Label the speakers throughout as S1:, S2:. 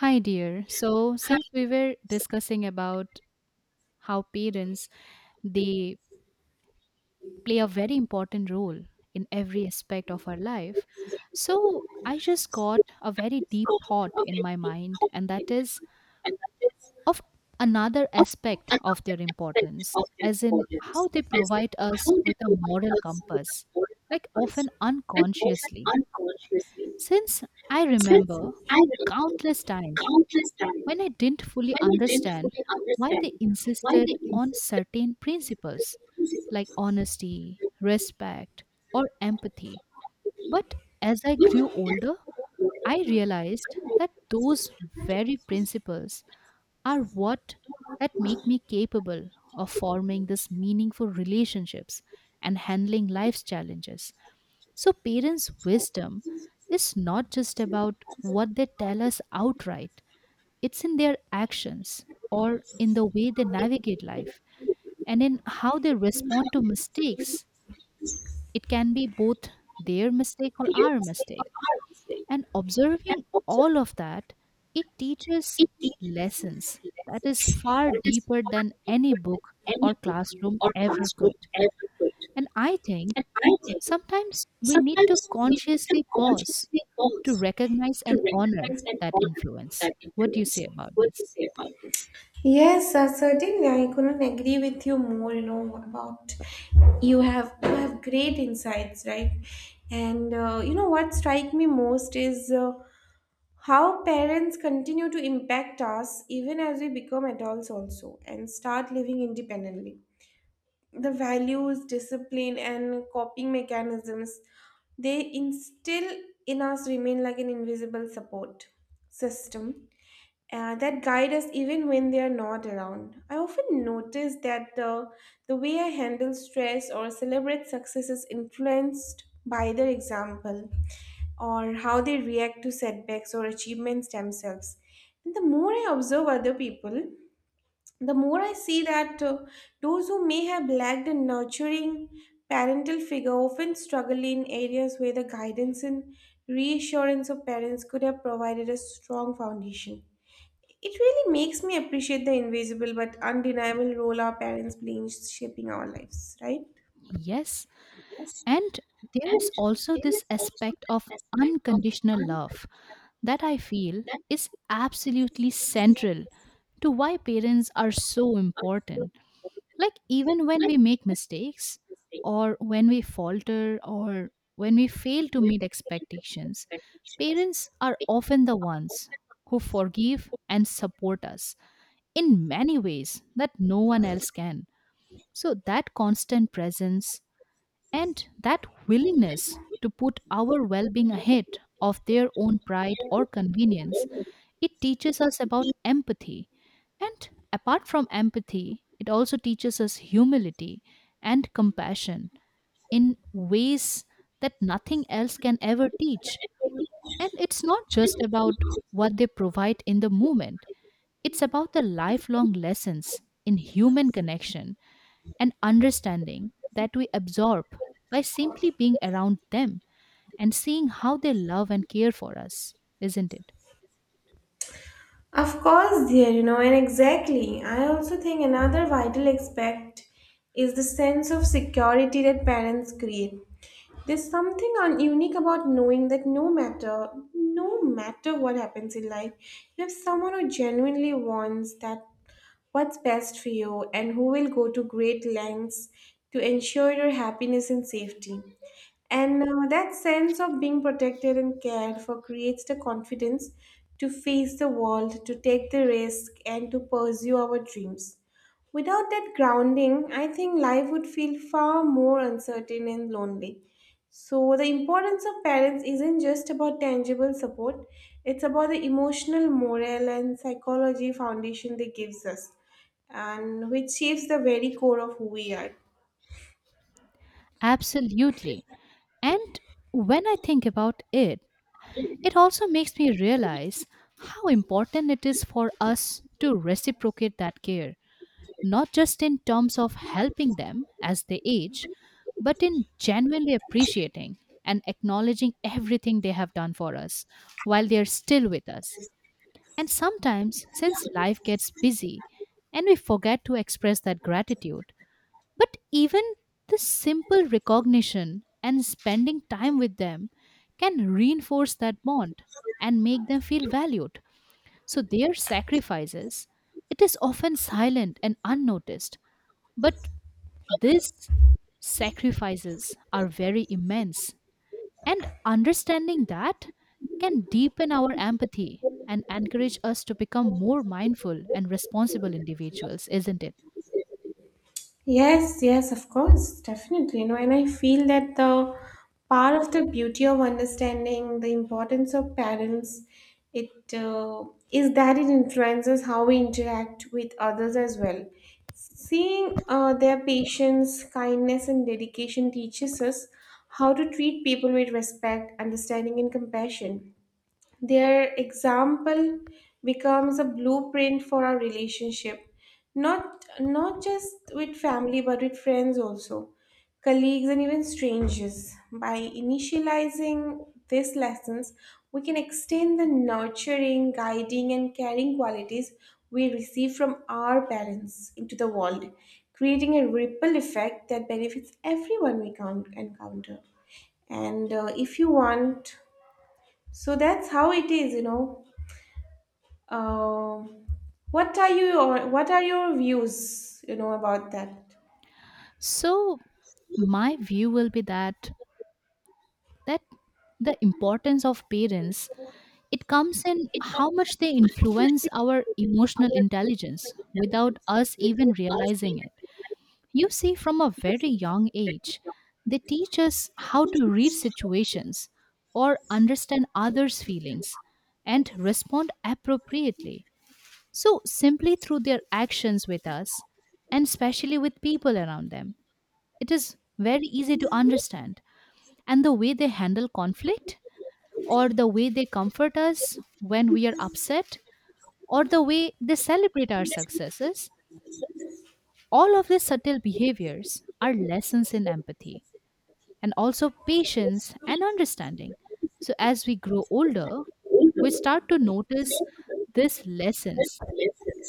S1: Hi, dear. So, since we were discussing about how parents they play a very important role in every aspect of our life, so I just got a very deep thought in my mind, and that is of another aspect of their importance, as in how they provide us with a moral compass, like often unconsciously. Since I remember countless times when I didn't fully understand why they insisted on certain principles like honesty, respect, or empathy. But as I grew older, I realized that those very principles are what that make me capable of forming these meaningful relationships and handling life's challenges. So parents' wisdom is not just about what they tell us outright, it's in their actions or in the way they navigate life and in how they respond to mistakes. It can be both their mistake or our mistake. And observing all of that, it teaches lessons that is far deeper than any book or classroom ever could. And I think sometimes we need to consciously pause to recognize and honor that influence. What do you say about this?
S2: Yes, certainly. I couldn't agree with you more. You know about You have great insights, right? And what strike me most is how parents continue to impact us even as we become adults, also, and start living independently. The values, discipline, and coping mechanisms they instill in us remain like an invisible support system that guide us even when they are not around. I often notice that the way I handle stress or celebrate success is influenced by their example or how they react to setbacks or achievements themselves. And the more I observe other people, the more I see that those who may have lacked a nurturing parental figure often struggle in areas where the guidance and reassurance of parents could have provided a strong foundation. It really makes me appreciate the invisible but undeniable role our parents play in shaping our lives, right?
S1: Yes. And there is also this aspect of unconditional love that I feel is absolutely central to why parents are so important. Like, even when we make mistakes, or when we falter, or when we fail to meet expectations, parents are often the ones who forgive and support us in many ways that no one else can. So, that constant presence and that willingness to put our well being ahead of their own pride or convenience, it teaches us about empathy. And apart from empathy, it also teaches us humility and compassion in ways that nothing else can ever teach. And it's not just about what they provide in the moment, it's about the lifelong lessons in human connection and understanding that we absorb by simply being around them and seeing how they love and care for us, isn't it?
S2: Of course, dear, and exactly. I also think another vital aspect is the sense of security that parents create. There's something unique about knowing that no matter what happens in life, you have someone who genuinely wants that what's best for you and who will go to great lengths to ensure your happiness and safety. And that sense of being protected and cared for creates the confidence to face the world, to take the risk, and to pursue our dreams. Without that grounding, I think life would feel far more uncertain and lonely. So, the importance of parents isn't just about tangible support, it's about the emotional, moral, and psychology foundation they gives us, and which shapes the very core of who we are.
S1: Absolutely. And when I think about it, it also makes me realize how important it is for us to reciprocate that care, not just in terms of helping them as they age, but in genuinely appreciating and acknowledging everything they have done for us while they are still with us. And sometimes, since life gets busy and we forget to express that gratitude, but even the simple recognition and spending time with them can reinforce that bond and make them feel valued. So, their sacrifices, it is often silent and unnoticed, but these sacrifices are very immense and understanding that can deepen our empathy and encourage us to become more mindful and responsible individuals, isn't it?
S2: Yes, yes, of course, definitely. And I feel that the part of the beauty of understanding the importance of parents, it is that it influences how we interact with others as well. Seeing their patience, kindness, and dedication teaches us how to treat people with respect, understanding, and compassion. Their example becomes a blueprint for our relationship, not just with family but with friends also, colleagues and even strangers. By initializing these lessons, we can extend the nurturing, guiding, and caring qualities we receive from our parents into the world, creating a ripple effect that benefits everyone we count encounter. And if you want so that's how it is, Um what are you or what are your views, about that?
S1: So, my view will be that the importance of parents, it comes in how much they influence our emotional intelligence without us even realizing it. You see, from a very young age, they teach us how to read situations or understand others' feelings and respond appropriately. So, simply through their actions with us and especially with people around them, it is very easy to understand. And the way they handle conflict, or the way they comfort us when we are upset, or the way they celebrate our successes, all of these subtle behaviors are lessons in empathy and also patience and understanding. So, as we grow older, we start to notice these lessons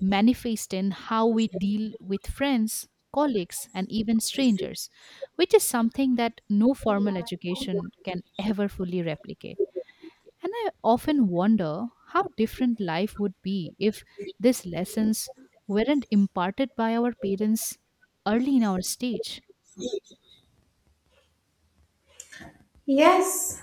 S1: manifest in how we deal with friends, colleagues, and even strangers, which is something that no formal education can ever fully replicate. And I often wonder how different life would be if these lessons weren't imparted by our parents early in our stage.
S2: Yes,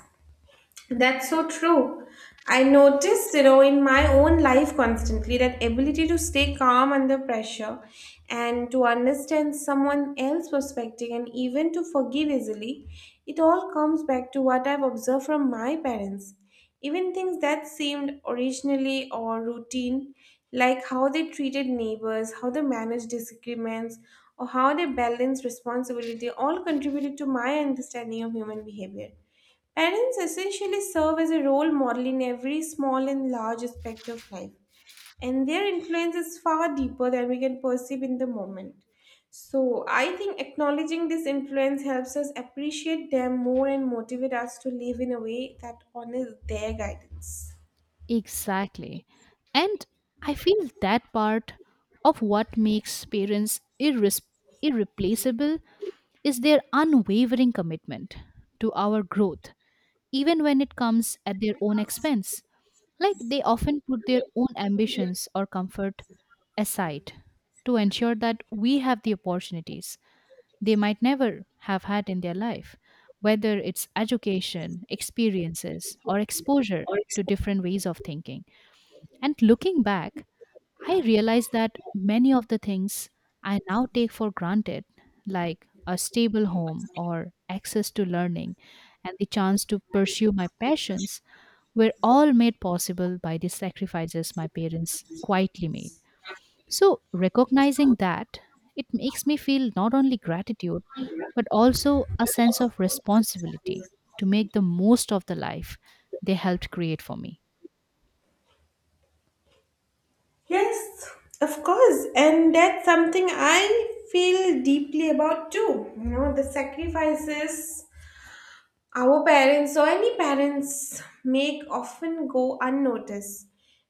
S2: that's so true. I noticed, in my own life constantly that ability to stay calm under pressure and to understand someone else's perspective and even to forgive easily, it all comes back to what I've observed from my parents. Even things that seemed originally or routine, like how they treated neighbors, how they managed disagreements, or how they balanced responsibility, all contributed to my understanding of human behavior. Parents essentially serve as a role model in every small and large aspect of life, and their influence is far deeper than we can perceive in the moment. So, I think acknowledging this influence helps us appreciate them more and motivate us to live in a way that honors their guidance.
S1: Exactly. And I feel that part of what makes parents irreplaceable is their unwavering commitment to our growth, even when it comes at their own expense. Like they often put their own ambitions or comfort aside to ensure that we have the opportunities they might never have had in their life, whether it's education, experiences, or exposure to different ways of thinking. And looking back, I realized that many of the things I now take for granted, like a stable home or access to learning and the chance to pursue my passions, were all made possible by the sacrifices my parents quietly made. So, recognizing that, it makes me feel not only gratitude, but also a sense of responsibility to make the most of the life they helped create for me.
S2: Yes, of course. And that's something I feel deeply about too. The sacrifices our parents or any parents make often go unnoticed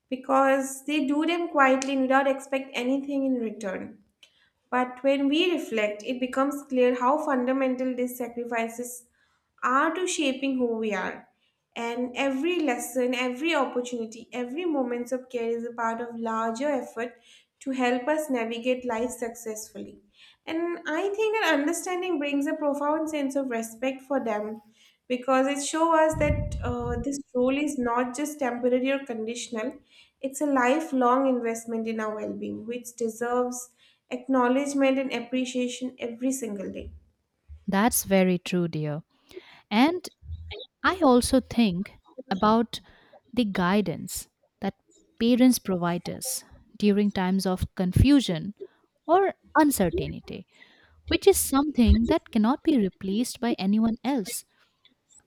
S2: because they do them quietly and without expect anything in return. But when we reflect, it becomes clear how fundamental these sacrifices are to shaping who we are. And every lesson, every opportunity, every moment of care is a part of larger effort to help us navigate life successfully. And I think that understanding brings a profound sense of respect for them because it shows us that this role is not just temporary or conditional, it's a lifelong investment in our well being, which deserves acknowledgement and appreciation every single day.
S1: That's very true, dear. And I also think about the guidance that parents provide us during times of confusion or uncertainty, which is something that cannot be replaced by anyone else,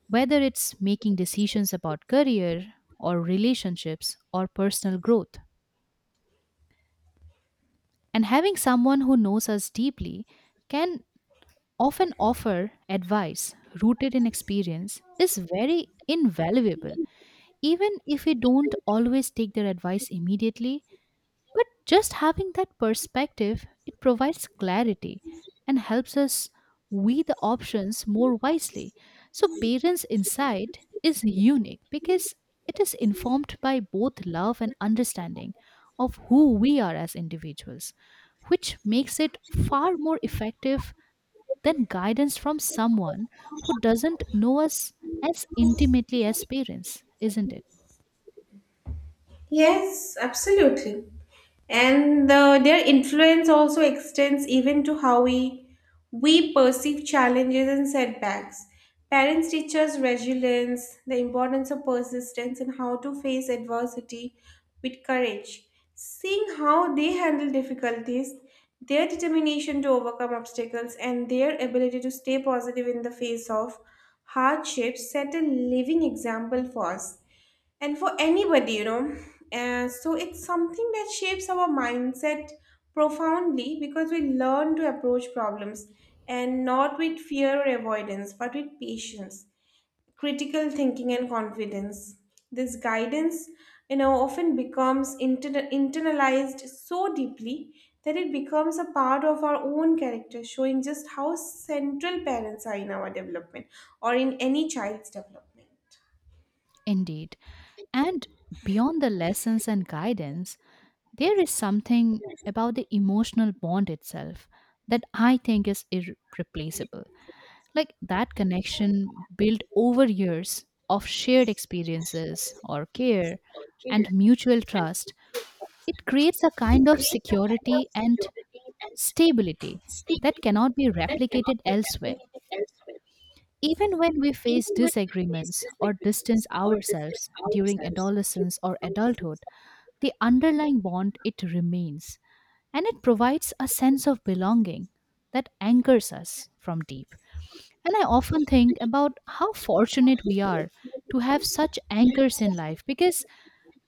S1: whether it's making decisions about career or relationships or personal growth. And having someone who knows us deeply can often offer advice rooted in experience is very invaluable, even if we don't always take their advice immediately, but just having that perspective, it provides clarity and helps us weigh the options more wisely. So, parents' insight is unique because it is informed by both love and understanding of who we are as individuals, which makes it far more effective than guidance from someone who doesn't know us as intimately as parents, isn't it?
S2: Yes, absolutely. And their influence also extends even to how we perceive challenges and setbacks. Parents teach us resilience, the importance of persistence, and how to face adversity with courage. Seeing how they handle difficulties, their determination to overcome obstacles, and their ability to stay positive in the face of hardships set a living example for us and for anybody. So it's something that shapes our mindset profoundly because we learn to approach problems and not with fear or avoidance but with patience, critical thinking, and confidence. This guidance often becomes internalized so deeply that it becomes a part of our own character, showing just how central parents are in our development or in any child's development.
S1: Indeed. And beyond the lessons and guidance, there is something about the emotional bond itself that I think is irreplaceable. Like that connection built over years of shared experiences or care and mutual trust, it creates a kind of security and stability that cannot be replicated elsewhere. Even when we face disagreements or distance ourselves during adolescence or adulthood, the underlying bond it remains and it provides a sense of belonging that anchors us from deep. And I often think about how fortunate we are to have such anchors in life because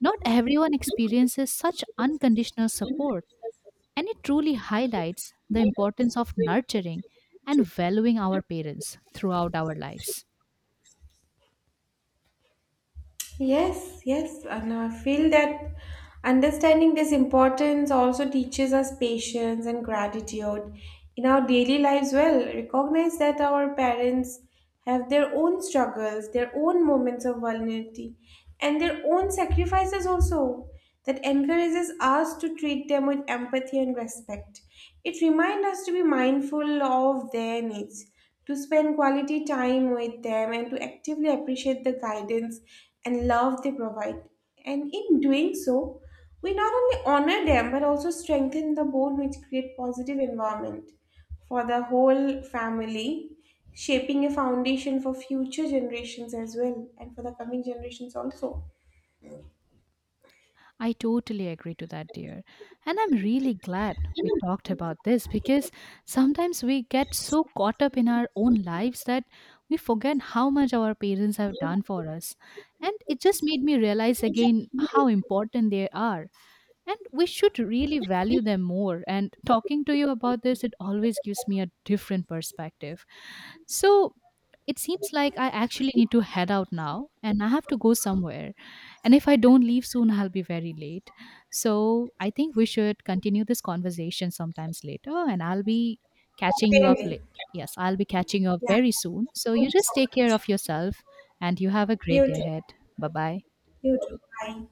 S1: not everyone experiences such unconditional support. And it truly highlights the importance of nurturing and valuing our parents throughout our lives.
S2: Yes, yes, and I feel that understanding this importance also teaches us patience and gratitude in our daily lives. Well, recognize that our parents have their own struggles, their own moments of vulnerability, and their own sacrifices also. That encourages us to treat them with empathy and respect. It reminds us to be mindful of their needs, to spend quality time with them, and to actively appreciate the guidance and love they provide. And in doing so, we not only honor them but also strengthen the bond which create positive environment for the whole family, shaping a foundation for future generations as well and for the coming generations also.
S1: I totally agree to that, dear. And I'm really glad we talked about this because sometimes we get so caught up in our own lives that we forget how much our parents have done for us. And it just made me realize again how important they are and we should really value them more, and talking to you about this, it always gives me a different perspective. So it seems like I actually need to head out now and I have to go somewhere, and if I don't leave soon, I'll be very late. So I think we should continue this conversation sometimes later and I'll be catching you up
S2: Certainly.
S1: late. Yes, I'll be catching you up
S2: Yeah.
S1: very soon, so
S2: Thank
S1: you
S2: you so
S1: just take care
S2: much.
S1: of yourself and you have a great
S2: You
S1: day
S2: too.
S1: ahead. Bye bye.
S2: You too. Bye.